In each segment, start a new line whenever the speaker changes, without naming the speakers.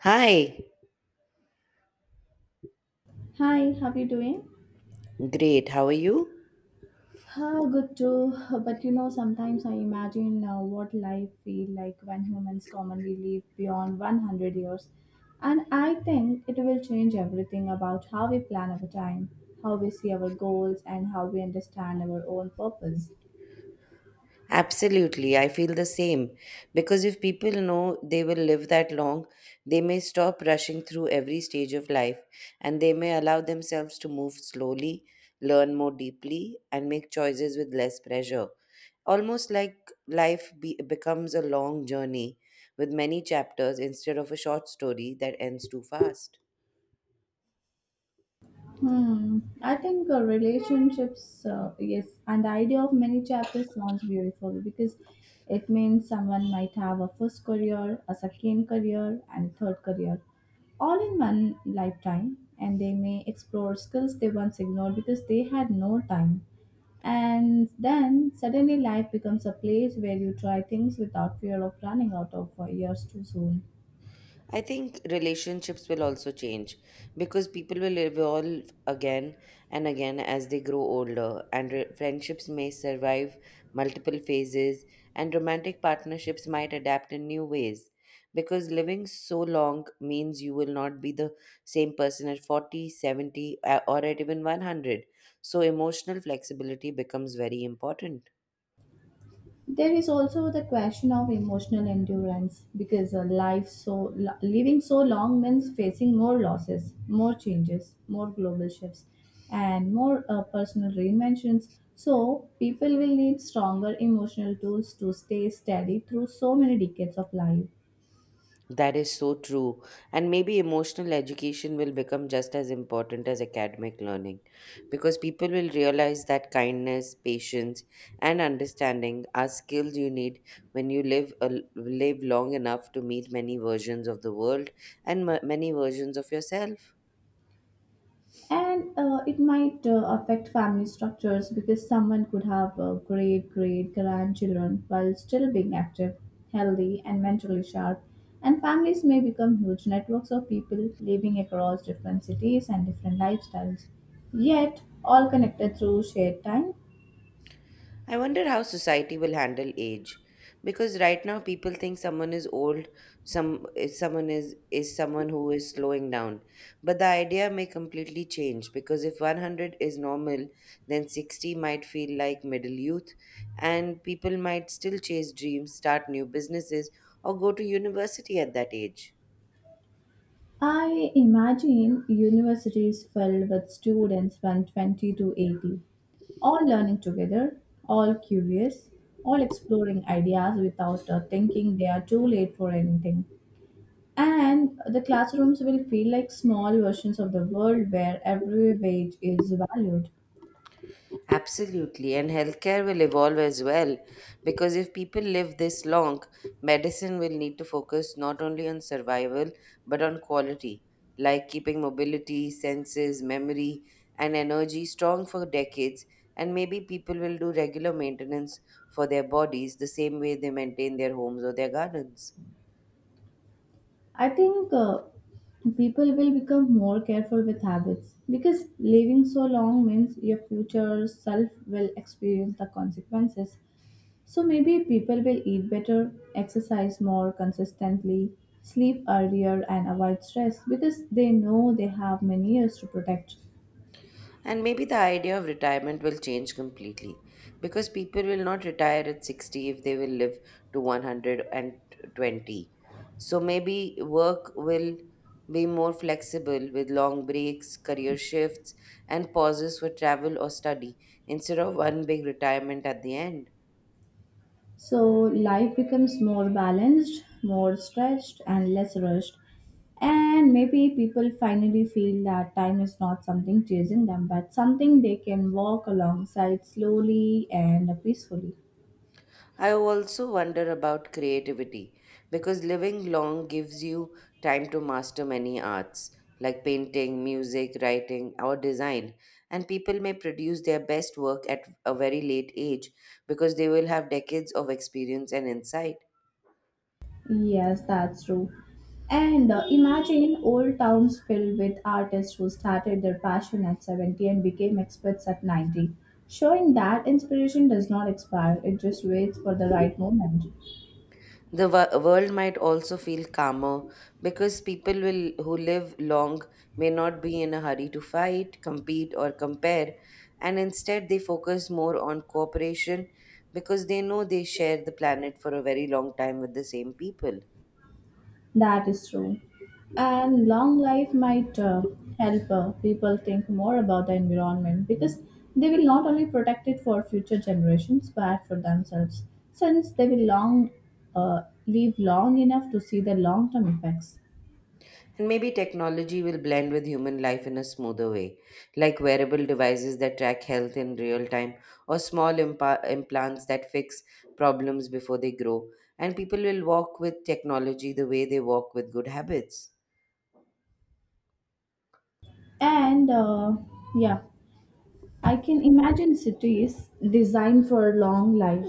Hi,
Hi, how you doing?
great. How are you?
How good too. But you know, sometimes I imagine what life feel like when humans commonly live beyond 100 years. And I think it will change everything about how we plan our time, how we see our goals, and how we understand our own purpose.
Absolutely. I feel the same. Because if people know they will live that long, they may stop rushing through every stage of life, and they may allow themselves to move slowly, learn more deeply, and make choices with less pressure. Almost like life becomes a long journey with many chapters instead of a short story that ends too fast.
Hmm. I think relationships, yes, and the idea of many chapters sounds beautiful because it means someone might have a first career, a second career, and third career all in one lifetime, and they may explore skills they once ignored because they had no time. And then suddenly life becomes a place where you try things without fear of running out of years too soon.
I think relationships will also change because people will evolve again and again as they grow older, and friendships may survive multiple phases, and romantic partnerships might adapt in new ways. Because living so long means you will not be the same person at 40, 70, or at even 100. So, emotional flexibility becomes very important.
There is also the question of emotional endurance because a living so long means facing more losses, more changes, more global shifts, and more personal reinventions. So people will need stronger emotional tools to stay steady through so many decades of life.
That is so true. And maybe emotional education will become just as important as academic learning, because people will realize that kindness, patience, and understanding are skills you need when you live long enough to meet many versions of the world and many versions of yourself.
And it might affect family structures because someone could have great great grandchildren while still being active, healthy and mentally sharp, and families may become huge networks of people living across different cities and different lifestyles, yet all connected through shared time.
I wonder how society will handle age, because right now people think someone is old, some is someone who is slowing down, but the idea may completely change, because if 100 is normal, then 60 might feel like middle youth, and people might still chase dreams, start new businesses, or go to university at that age.
I imagine universities filled with students from 20 to 80, all learning together, all curious, all exploring ideas without thinking they are too late for anything. And the classrooms will feel like small versions of the world where every wage is valued.
Absolutely, and healthcare will evolve as well, because if people live this long, medicine will need to focus not only on survival but on quality, like keeping mobility, senses, memory, and energy strong for decades. And maybe people will do regular maintenance for their bodies the same way they maintain their homes or their gardens.
I think people will become more careful with habits because living so long means your future self will experience the consequences. So maybe people will eat better, exercise more consistently, sleep earlier, and avoid stress because they know they have many years to protect.
And maybe the idea of retirement will change completely, because people will not retire at 60 if they will live to 120. So maybe work will be more flexible, with long breaks, career shifts, and pauses for travel or study instead of one big retirement at the end.
So life becomes more balanced, more stretched, and less rushed. And maybe people finally feel that time is not something chasing them, but something they can walk alongside slowly and peacefully.
I also wonder about creativity, because living long gives you time to master many arts like painting, music, writing, or design. And people may produce their best work at a very late age because they will have decades of experience and insight.
Yes, that's true. And imagine old towns filled with artists who started their passion at 70 and became experts at 90, showing that inspiration does not expire, it just waits for the right moment.
The world might also feel calmer, because people who live long may not be in a hurry to fight, compete, or compare, and instead they focus more on cooperation, because they know they share the planet for a very long time with the same people.
That is true. And long life might help people think more about the environment because they will not only protect it for future generations but for themselves, since they will long live long enough to see the long term effects.
And maybe technology will blend with human life in a smoother way, like wearable devices that track health in real time or small implants that fix problems before they grow. And people will walk with technology the way they walk with good habits.
And yeah, I can imagine cities designed for long life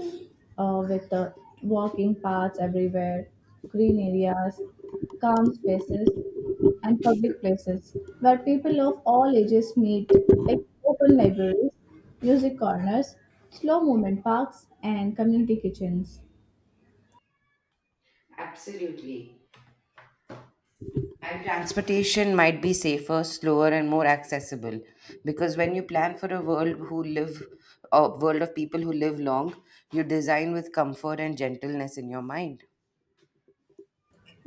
with walking paths everywhere, green areas, calm spaces, and public places where people of all ages meet, like open libraries, music corners, slow movement parks, and community kitchens.
Absolutely. And transportation might be safer, slower, and more accessible, because when you plan for a world of people who live long, you design with comfort and gentleness in your mind.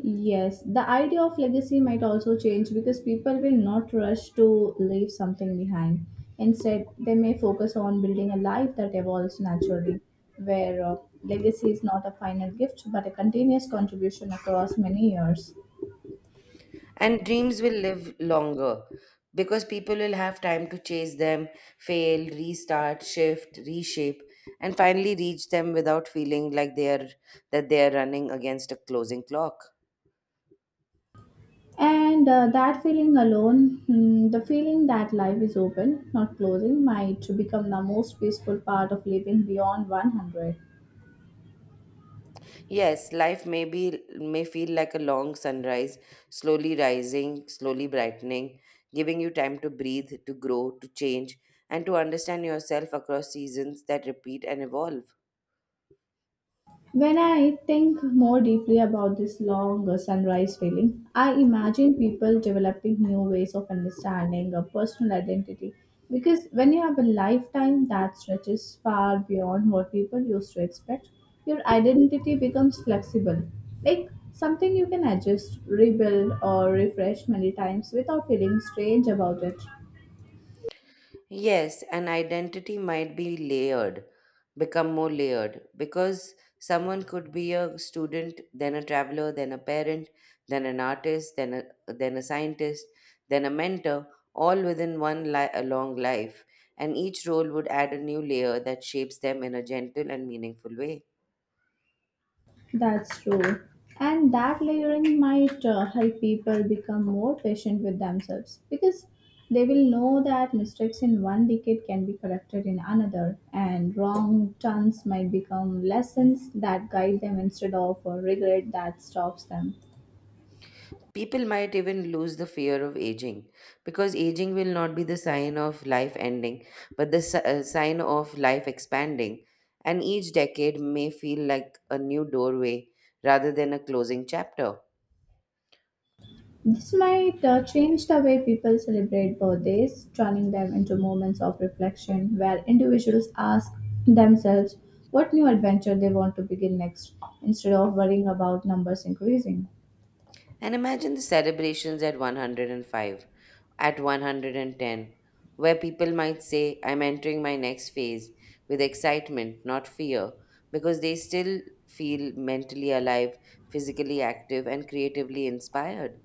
Yes, the idea of legacy might also change because people will not rush to leave something behind. Instead, they may focus on building a life that evolves naturally, where legacy is not a final gift but a continuous contribution across many years.
And dreams will live longer, because people will have time to chase them, fail, restart, shift, reshape, and finally reach them without feeling like they are that they are running against a closing clock.
And that feeling alone, hmm, the feeling that life is open, not closing, might become the most peaceful part of living beyond 100.
Yes, life may feel like a long sunrise, slowly rising, slowly brightening, giving you time to breathe, to grow, to change, and to understand yourself across seasons that repeat and evolve.
When I think more deeply about this long sunrise feeling, I imagine people developing new ways of understanding a personal identity. Because when you have a lifetime that stretches far beyond what people used to expect, your identity becomes flexible, like something you can adjust, rebuild, or refresh many times without feeling strange about it.
Yes, an identity might become more layered, because someone could be a student, then a traveler, then a parent, then an artist, then a scientist, then a mentor, all within a long life, and each role would add a new layer that shapes them in a gentle and meaningful way.
That's true. And that layering might help people become more patient with themselves because they will know that mistakes in one decade can be corrected in another, and wrong turns might become lessons that guide them instead of a regret that stops them.
People might even lose the fear of aging, because aging will not be the sign of life ending, but the sign of life expanding. And each decade may feel like a new doorway rather than a closing chapter.
This might change the way people celebrate birthdays, turning them into moments of reflection where individuals ask themselves what new adventure they want to begin next instead of worrying about numbers increasing.
And imagine the celebrations at 105, at 110, where people might say, "I'm entering my next phase with excitement, not fear," because they still feel mentally alive, physically active, and creatively inspired.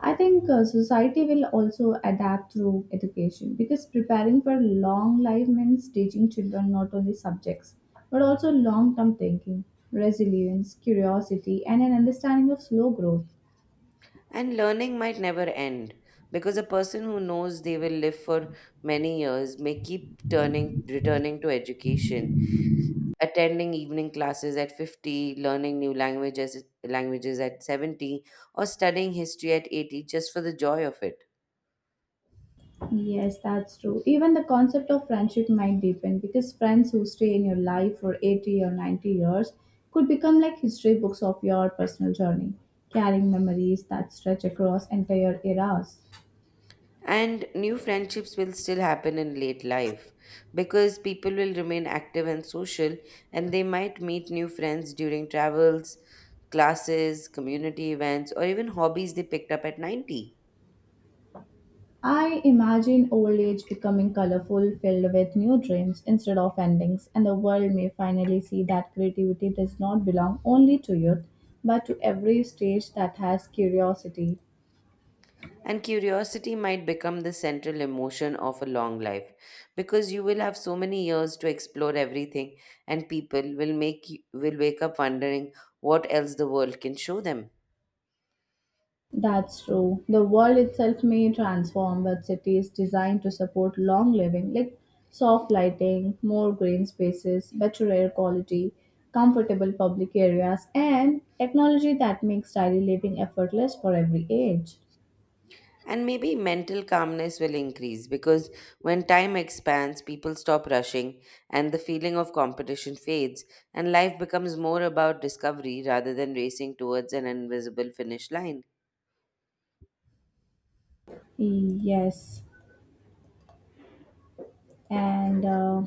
I think society will also adapt through education because preparing for long life means teaching children not only subjects but also long term thinking, resilience, curiosity, and an understanding of slow growth.
And learning might never end, because a person who knows they will live for many years may keep turning returning to education, attending evening classes at 50, learning new languages at 70, or studying history at 80 just for the joy of it.
Yes, that's true. Even the concept of friendship might deepen because friends who stay in your life for 80 or 90 years could become like history books of your personal journey, carrying memories that stretch across entire eras.
And new friendships will still happen in late life, because people will remain active and social, and they might meet new friends during travels, classes, community events, or even hobbies they picked up at 90.
I imagine old age becoming colorful, filled with new dreams instead of endings, and the world may finally see that creativity does not belong only to youth but to every stage that has curiosity.
And curiosity might become the central emotion of a long life, because you will have so many years to explore everything, and people will wake up wondering what else the world can show them.
That's true. The world itself may transform, but cities designed to support long living, like soft lighting, more green spaces, better air quality, comfortable public areas, and technology that makes daily living effortless for every age.
And maybe mental calmness will increase, because when time expands, people stop rushing and the feeling of competition fades, and life becomes more about discovery rather than racing towards an invisible finish line.
Yes, and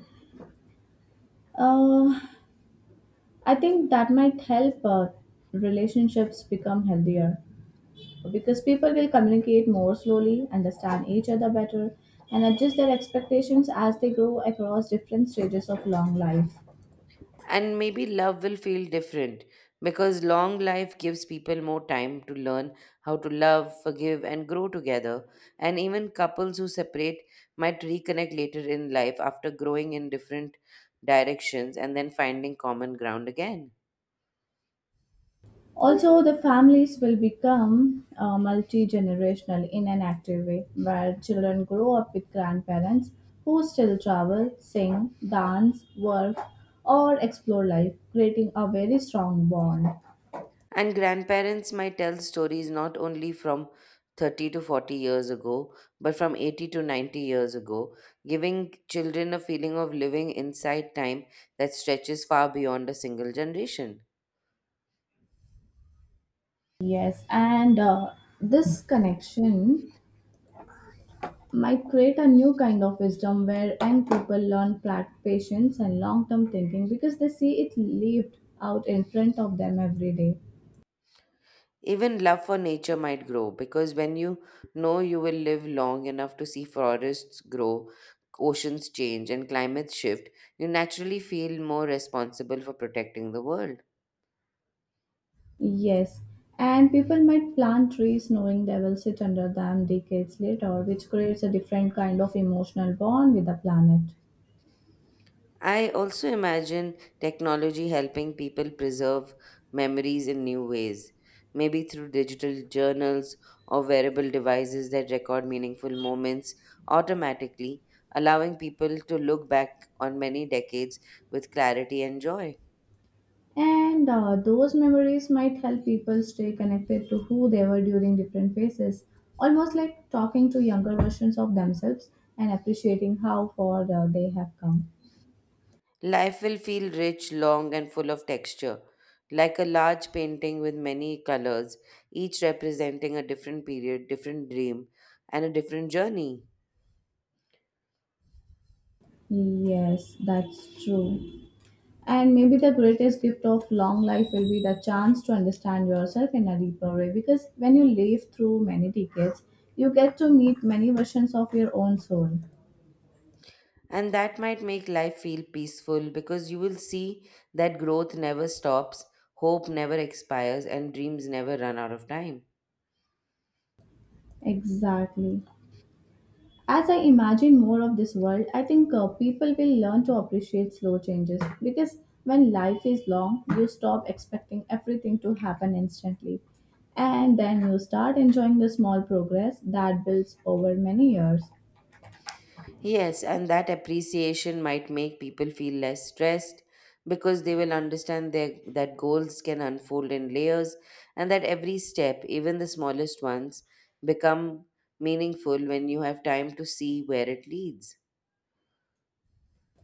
uh, I think that might help relationships become healthier, because people will communicate more slowly, understand each other better, and adjust their expectations as they grow across different stages of long life.
And maybe love will feel different, because long life gives people more time to learn how to love, forgive, and grow together. And even couples who separate might reconnect later in life after growing in different directions and then finding common ground again.
Also, the families will become multi generational in an active way, where children grow up with grandparents who still travel, sing, dance, work, or explore life, creating a very strong bond.
And grandparents might tell stories not only from 30 to 40 years ago, but from 80 to 90 years ago, giving children a feeling of living inside time that stretches far beyond a single generation.
Yes, and this connection might create a new kind of wisdom where young people learn patience and long term thinking because they see it lived out in front of them every day.
Even love for nature might grow, because when you know you will live long enough to see forests grow, oceans change, and climates shift, you naturally feel more responsible for protecting the world.
Yes, and people might plant trees knowing they will sit under them decades later, which creates a different kind of emotional bond with the planet.
I also imagine technology helping people preserve memories in new ways, maybe through digital journals or wearable devices that record meaningful moments automatically, allowing people to look back on many decades with clarity and joy.
And those memories might help people stay connected to who they were during different phases, almost like talking to younger versions of themselves and appreciating how far they have come.
Life will feel rich, long, and full of texture, like a large painting with many colors, each representing a different period, different dream, and a different journey.
Yes, that's true. And maybe the greatest gift of long life will be the chance to understand yourself in a deeper way because when you live through many decades, you get to meet many versions of your own soul.
And that might make life feel peaceful, because you will see that growth never stops, hope never expires, and dreams never run out of time.
Exactly. As I imagine more of this world, I think people will learn to appreciate slow changes because when life is long, you stop expecting everything to happen instantly and then you start enjoying the small progress that builds over many years.
Yes, and that appreciation might make people feel less stressed, because they will that goals can unfold in layers, and that every step, even the smallest ones, become meaningful when you have time to see where it leads.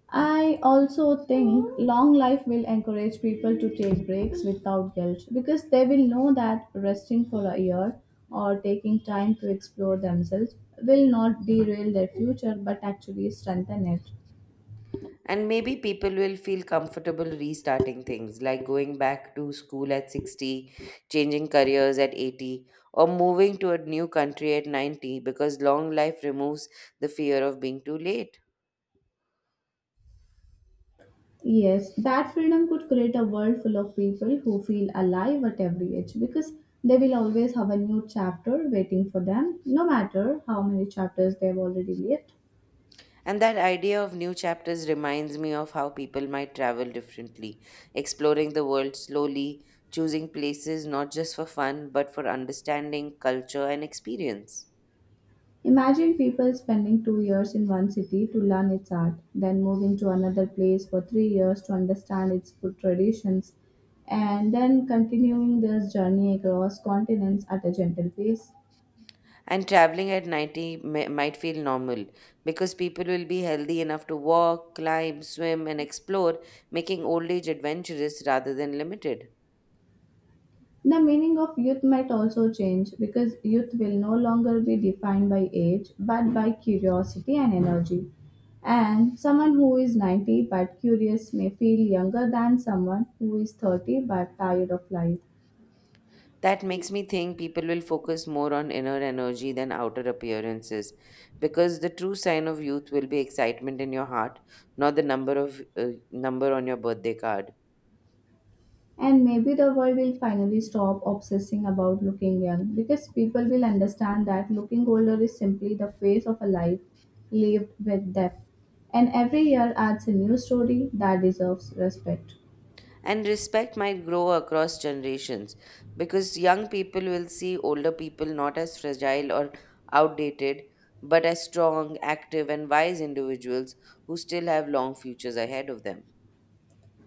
I also think long life will encourage people to take breaks without guilt because they will know that resting for a year or taking time to explore themselves will not derail their future but actually strengthen it.
And maybe people will feel comfortable restarting things, like going back to school at 60, changing careers at 80, or moving to a new country at 90, because long life removes the fear of being too late.
Yes, that freedom could create a world full of people who feel alive at every age because they will always have a new chapter waiting for them, no matter how many chapters they've already lived.
And that idea of new chapters reminds me of how people might travel differently, exploring the world slowly, choosing places not just for fun but for understanding, culture, and experience.
Imagine people spending 2 years in one city to learn its art, then moving to another place for 3 years to understand its food traditions, and then continuing this journey across continents at a gentle pace.
And traveling at 90 might feel normal, because people will be healthy enough to walk, climb, swim, and explore, making old age adventurous rather than limited.
The meaning of youth might also change because youth will no longer be defined by age but by curiosity and energy. And someone who is 90 but curious may feel younger than someone who is 30 but tired of life.
That makes me think people will focus more on inner energy than outer appearances, because the true sign of youth will be excitement in your heart, not the number on your birthday card.
And maybe the world will finally stop obsessing about looking young because people will understand that looking older is simply the phase of a life lived with depth. And every year adds a new story that deserves respect.
And respect might grow across generations, because young people will see older people not as fragile or outdated, but as strong, active, and wise individuals who still have long futures ahead of them.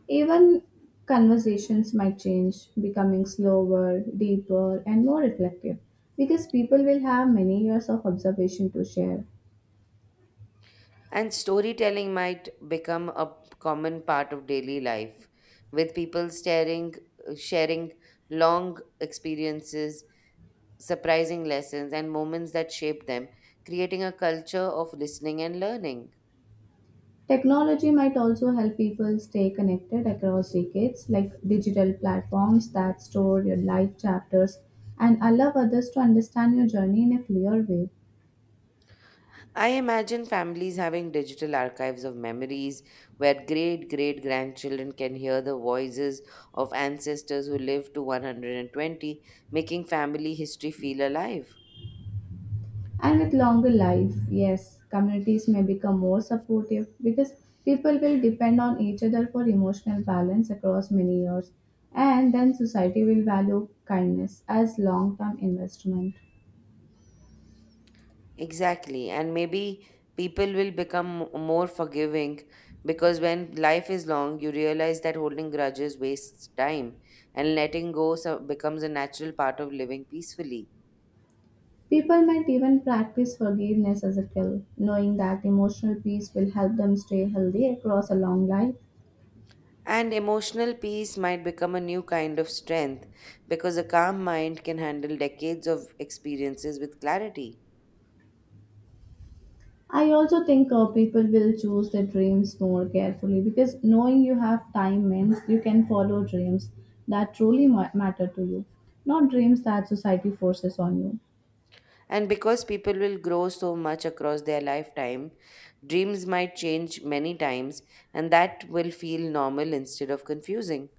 Even conversations might change, becoming slower, deeper, and more reflective because people will have many years of observation to share.
And storytelling might become a common part of daily life, with people sharing long experiences, surprising lessons, and moments that shape them, creating a culture of listening and learning.
Technology might also help people stay connected across decades, like digital platforms that store your life chapters and allow others to understand your journey in a clear way.
I imagine families having digital archives of memories, where great great grandchildren can hear the voices of ancestors who lived to 120, making family history feel alive.
And with longer life, yes, communities may become more supportive because people will depend on each other for emotional balance across many years. And then society will value kindness as long term investment.
Exactly. And maybe people will become more forgiving, because when life is long, you realize that holding grudges wastes time, and letting go becomes a natural part of living peacefully.
People might even practice forgiveness as a skill, knowing that emotional peace will help them stay healthy across a long life.
And emotional peace might become a new kind of strength, because a calm mind can handle decades of experiences with clarity.
I also think people will choose their dreams more carefully because knowing you have time means you can follow dreams that truly matter to you, not dreams that society forces on you.
And because people will grow so much across their lifetime, dreams might change many times, and that will feel normal instead of confusing.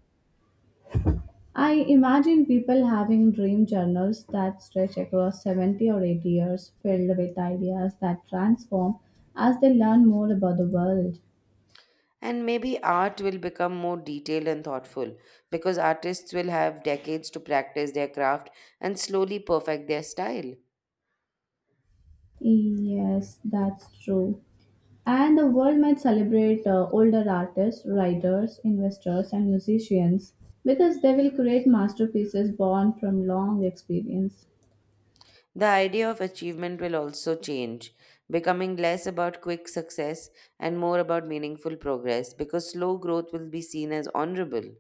I imagine people having dream journals that stretch across 70 or 80 years, filled with ideas that transform as they learn more about the world.
And maybe art will become more detailed and thoughtful, because artists will have decades to practice their craft and slowly perfect their style.
Yes, that's true. And the world might celebrate older artists, writers, investors, and musicians because they will create masterpieces born from long experience.
The idea of achievement will also change, becoming less about quick success and more about meaningful progress, because slow growth will be seen as honorable.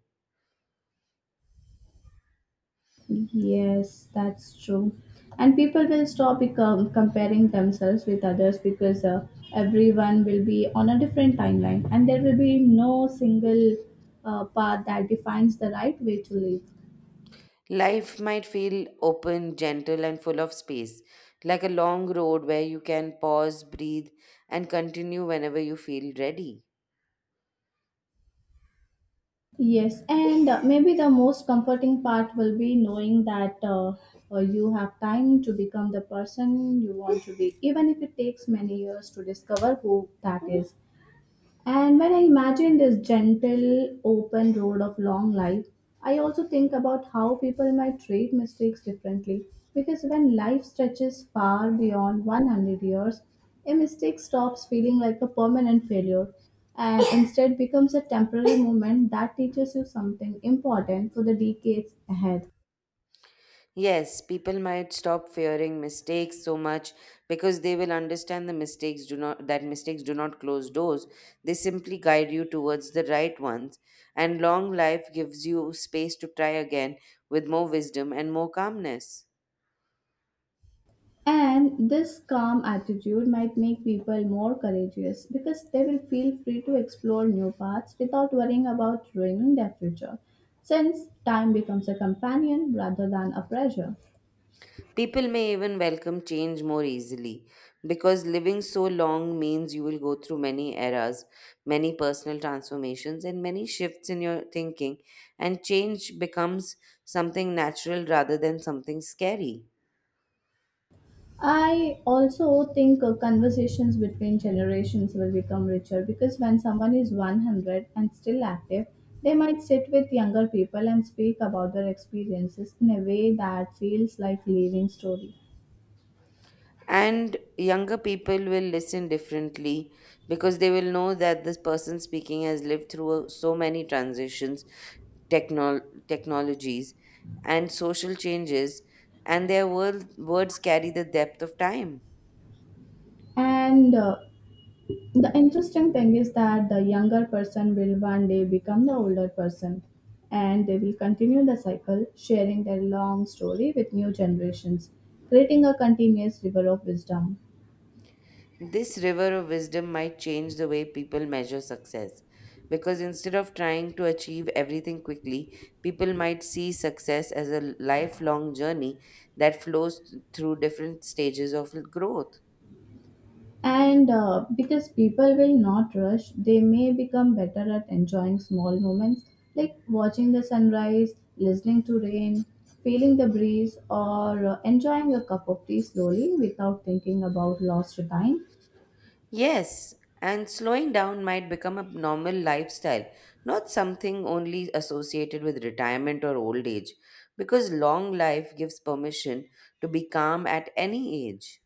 Yes, that's true. And people will stop comparing themselves with others because everyone will be on a different timeline and there will be no single path that defines the right way to live.
Life might feel open, gentle, and full of space, like a long road where you can pause, breathe, and continue whenever you feel ready.
Yes, and maybe the most comforting part will be knowing that you have time to become the person you want to be, even if it takes many years to discover who that is. And when I imagine this gentle, open road of long life, I also think about how people might treat mistakes differently. Because when life stretches far beyond 100 years, a mistake stops feeling like a permanent failure and instead becomes a temporary moment that teaches you something important for the decades ahead.
Yes, people might stop fearing mistakes so much, because they will understand the mistakes do not that mistakes do not close doors. They simply guide you towards the right ones. And long life gives you space to try again with more wisdom and more calmness.
And this calm attitude might make people more courageous because they will feel free to explore new paths without worrying about ruining their future, since time becomes a companion rather than a pressure.
People may even welcome change more easily because living so long means you will go through many eras, many personal transformations, and many shifts in your thinking, and change becomes something natural rather than something scary.
I also think conversations between generations will become richer because when someone is 100 and still active, they might sit with younger people and speak about their experiences in a way that feels like living story.
And younger people will listen differently because they will know that this person speaking has lived through so many transitions, technol technologies and social changes, and their words carry the depth of time.
And The interesting thing is that the younger person will one day become the older person and they will continue the cycle, sharing their long story with new generations, creating a continuous river of wisdom.
This river of wisdom might change the way people measure success, because instead of trying to achieve everything quickly, people might see success as a lifelong journey that flows through different stages of growth.
And because people will not rush, they may become better at enjoying small moments like watching the sunrise, listening to rain, feeling the breeze, or enjoying a cup of tea slowly without thinking about lost time.
Yes, and slowing down might become a normal lifestyle, not something only associated with retirement or old age, because long life gives permission to be calm at any age.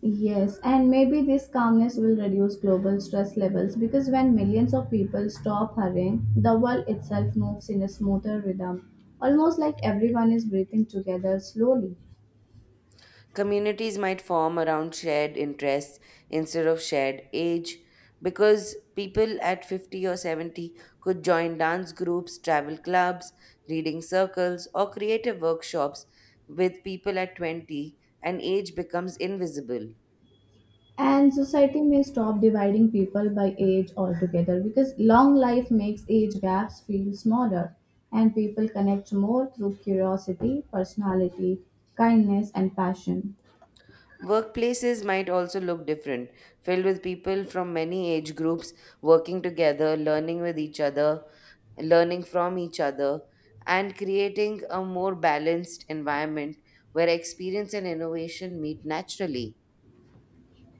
Yes, and maybe this calmness will reduce global stress levels because when millions of people stop hurrying, the world itself moves in a smoother rhythm, almost like everyone is breathing together slowly.
Communities might form around shared interests instead of shared age, because people at 50 or 70 could join dance groups, travel clubs, reading circles, or creative workshops with people at 20, and age becomes invisible.
And society may stop dividing people by age altogether because long life makes age gaps feel smaller and people connect more through curiosity, personality, kindness, and passion.
Workplaces might also look different, filled with people from many age groups working together, learning with each other, learning from each other, and creating a more balanced environment where experience and innovation meet naturally.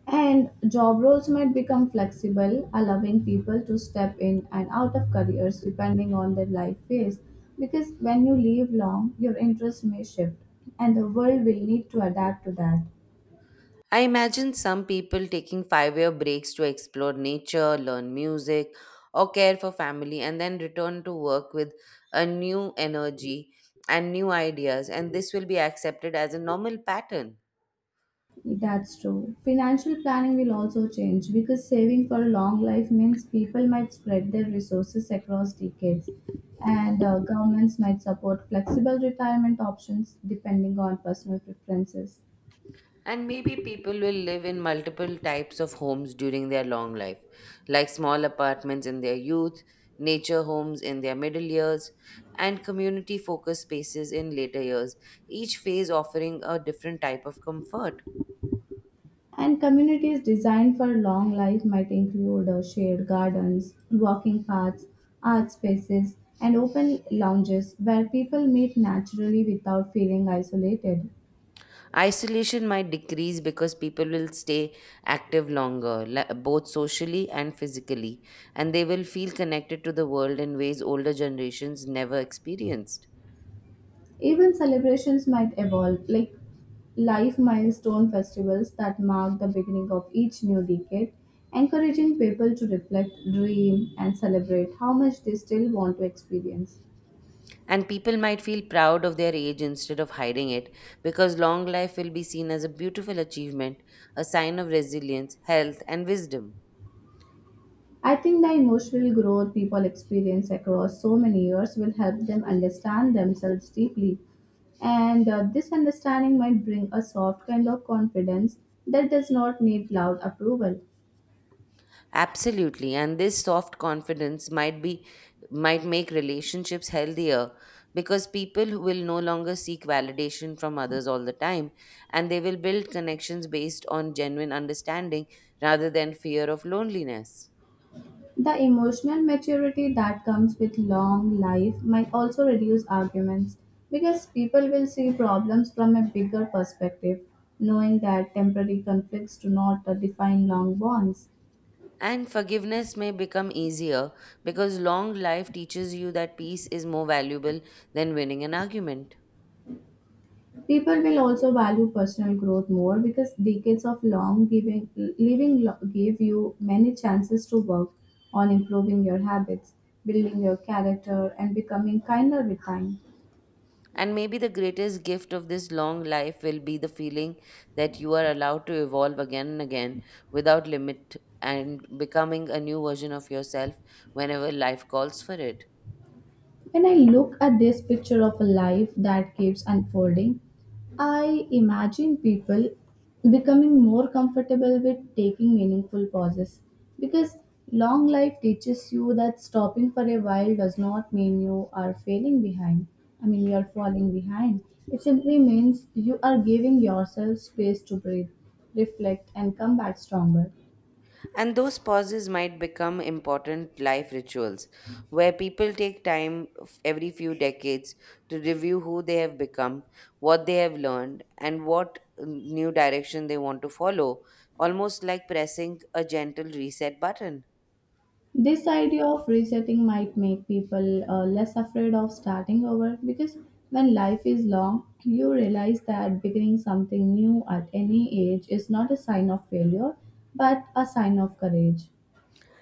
And job roles might become flexible, allowing people to step in and out of careers depending on their life phase. Because when you live long, your interests may shift, and the world will need to adapt to that.
I imagine some people taking 5 year breaks to explore nature, learn music, or care for family, and then return to work with a new energy and new ideas, and this will be accepted as a normal pattern.
That's true. Financial planning will also change because saving for a long life means people might spread their resources across decades, and governments might support flexible retirement options depending on personal preferences.
And maybe people will live in multiple types of homes during their long life, like small apartments in their youth, nature homes in their middle years, and community focused spaces in later years, each phase offering a different type of comfort.
And communities designed for long life might include shared gardens, walking paths, art spaces, and open lounges where people meet naturally without feeling isolated.
Isolation might decrease because people will stay active longer, both socially and physically, and they will feel connected to the world in ways older generations never experienced.
Even celebrations might evolve, like life milestone festivals that mark the beginning of each new decade, encouraging people to reflect, dream, and celebrate how much they still want to experience.
And people might feel proud of their age instead of hiding it, because long life will be seen as a beautiful achievement, a sign of resilience, health, and wisdom.
I think the emotional growth people experience across so many years will help them understand themselves deeply. And this understanding might bring a soft kind of confidence that does not need loud approval.
Absolutely. And this soft confidence might make relationships healthier, because people who will no longer seek validation from others all the time, and they will build connections based on genuine understanding rather than fear of loneliness.
The emotional maturity that comes with long life might also reduce arguments because people will see problems from a bigger perspective, knowing that temporary conflicts do not define long bonds.
And forgiveness may become easier, because long life teaches you that peace is more valuable than winning an argument.
People will also value personal growth more because decades of long giving, gave you many chances to work on improving your habits, building your character, and becoming kinder with time.
And maybe the greatest gift of this long life will be the feeling that you are allowed to evolve again and again without limit, and becoming a new version of yourself whenever life calls for it.
When I look at this picture of a life that keeps unfolding, I imagine people becoming more comfortable with taking meaningful pauses because long life teaches you that stopping for a while does not mean you are falling behind. It simply means you are giving yourself space to breathe, reflect, and come back stronger.
And those pauses might become important life rituals, where people take time every few decades to review who they have become, what they have learned, and what new direction they want to follow, almost like pressing a gentle reset button.
This idea of resetting might make people less afraid of starting over because when life is long, you realize that beginning something new at any age is not a sign of failure but a sign of courage.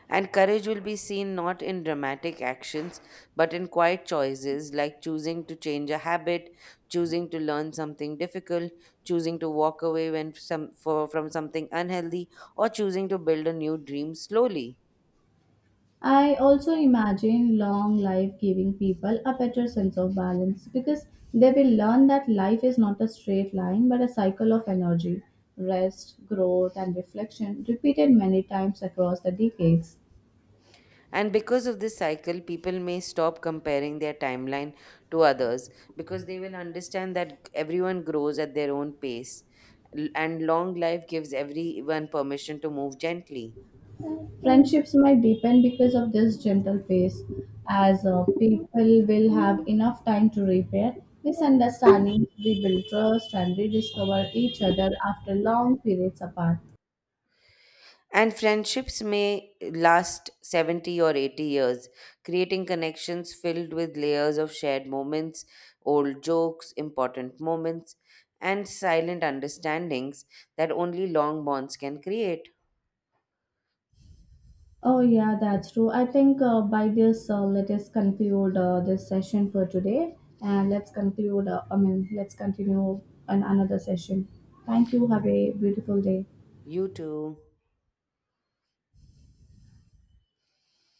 And courage will be seen not in dramatic actions, but in quiet choices, like choosing to change a habit, choosing to learn something difficult, choosing to walk away when from something unhealthy, or choosing to build a new dream slowly.
I also imagine long life giving people a better sense of balance because they will learn that life is not a straight line but a cycle of energy, rest, growth, and reflection repeated many times across the decades.
And because of this cycle, people may stop comparing their timeline to others, because they will understand that everyone grows at their own pace. And long life gives everyone permission to move gently.
Friendships might deepen because of this gentle pace, as people will have enough time to repair misunderstandings, rebuild trust, and rediscover each other after long periods apart.
And friendships may last 70 or 80 years, creating connections filled with layers of shared moments, old jokes, important moments, and silent understandings that only long bonds can create.
Oh, yeah, that's true. I think let us conclude this session for today. And let's conclude, I mean, let's continue on another session. Thank you. Have a beautiful day.
You too.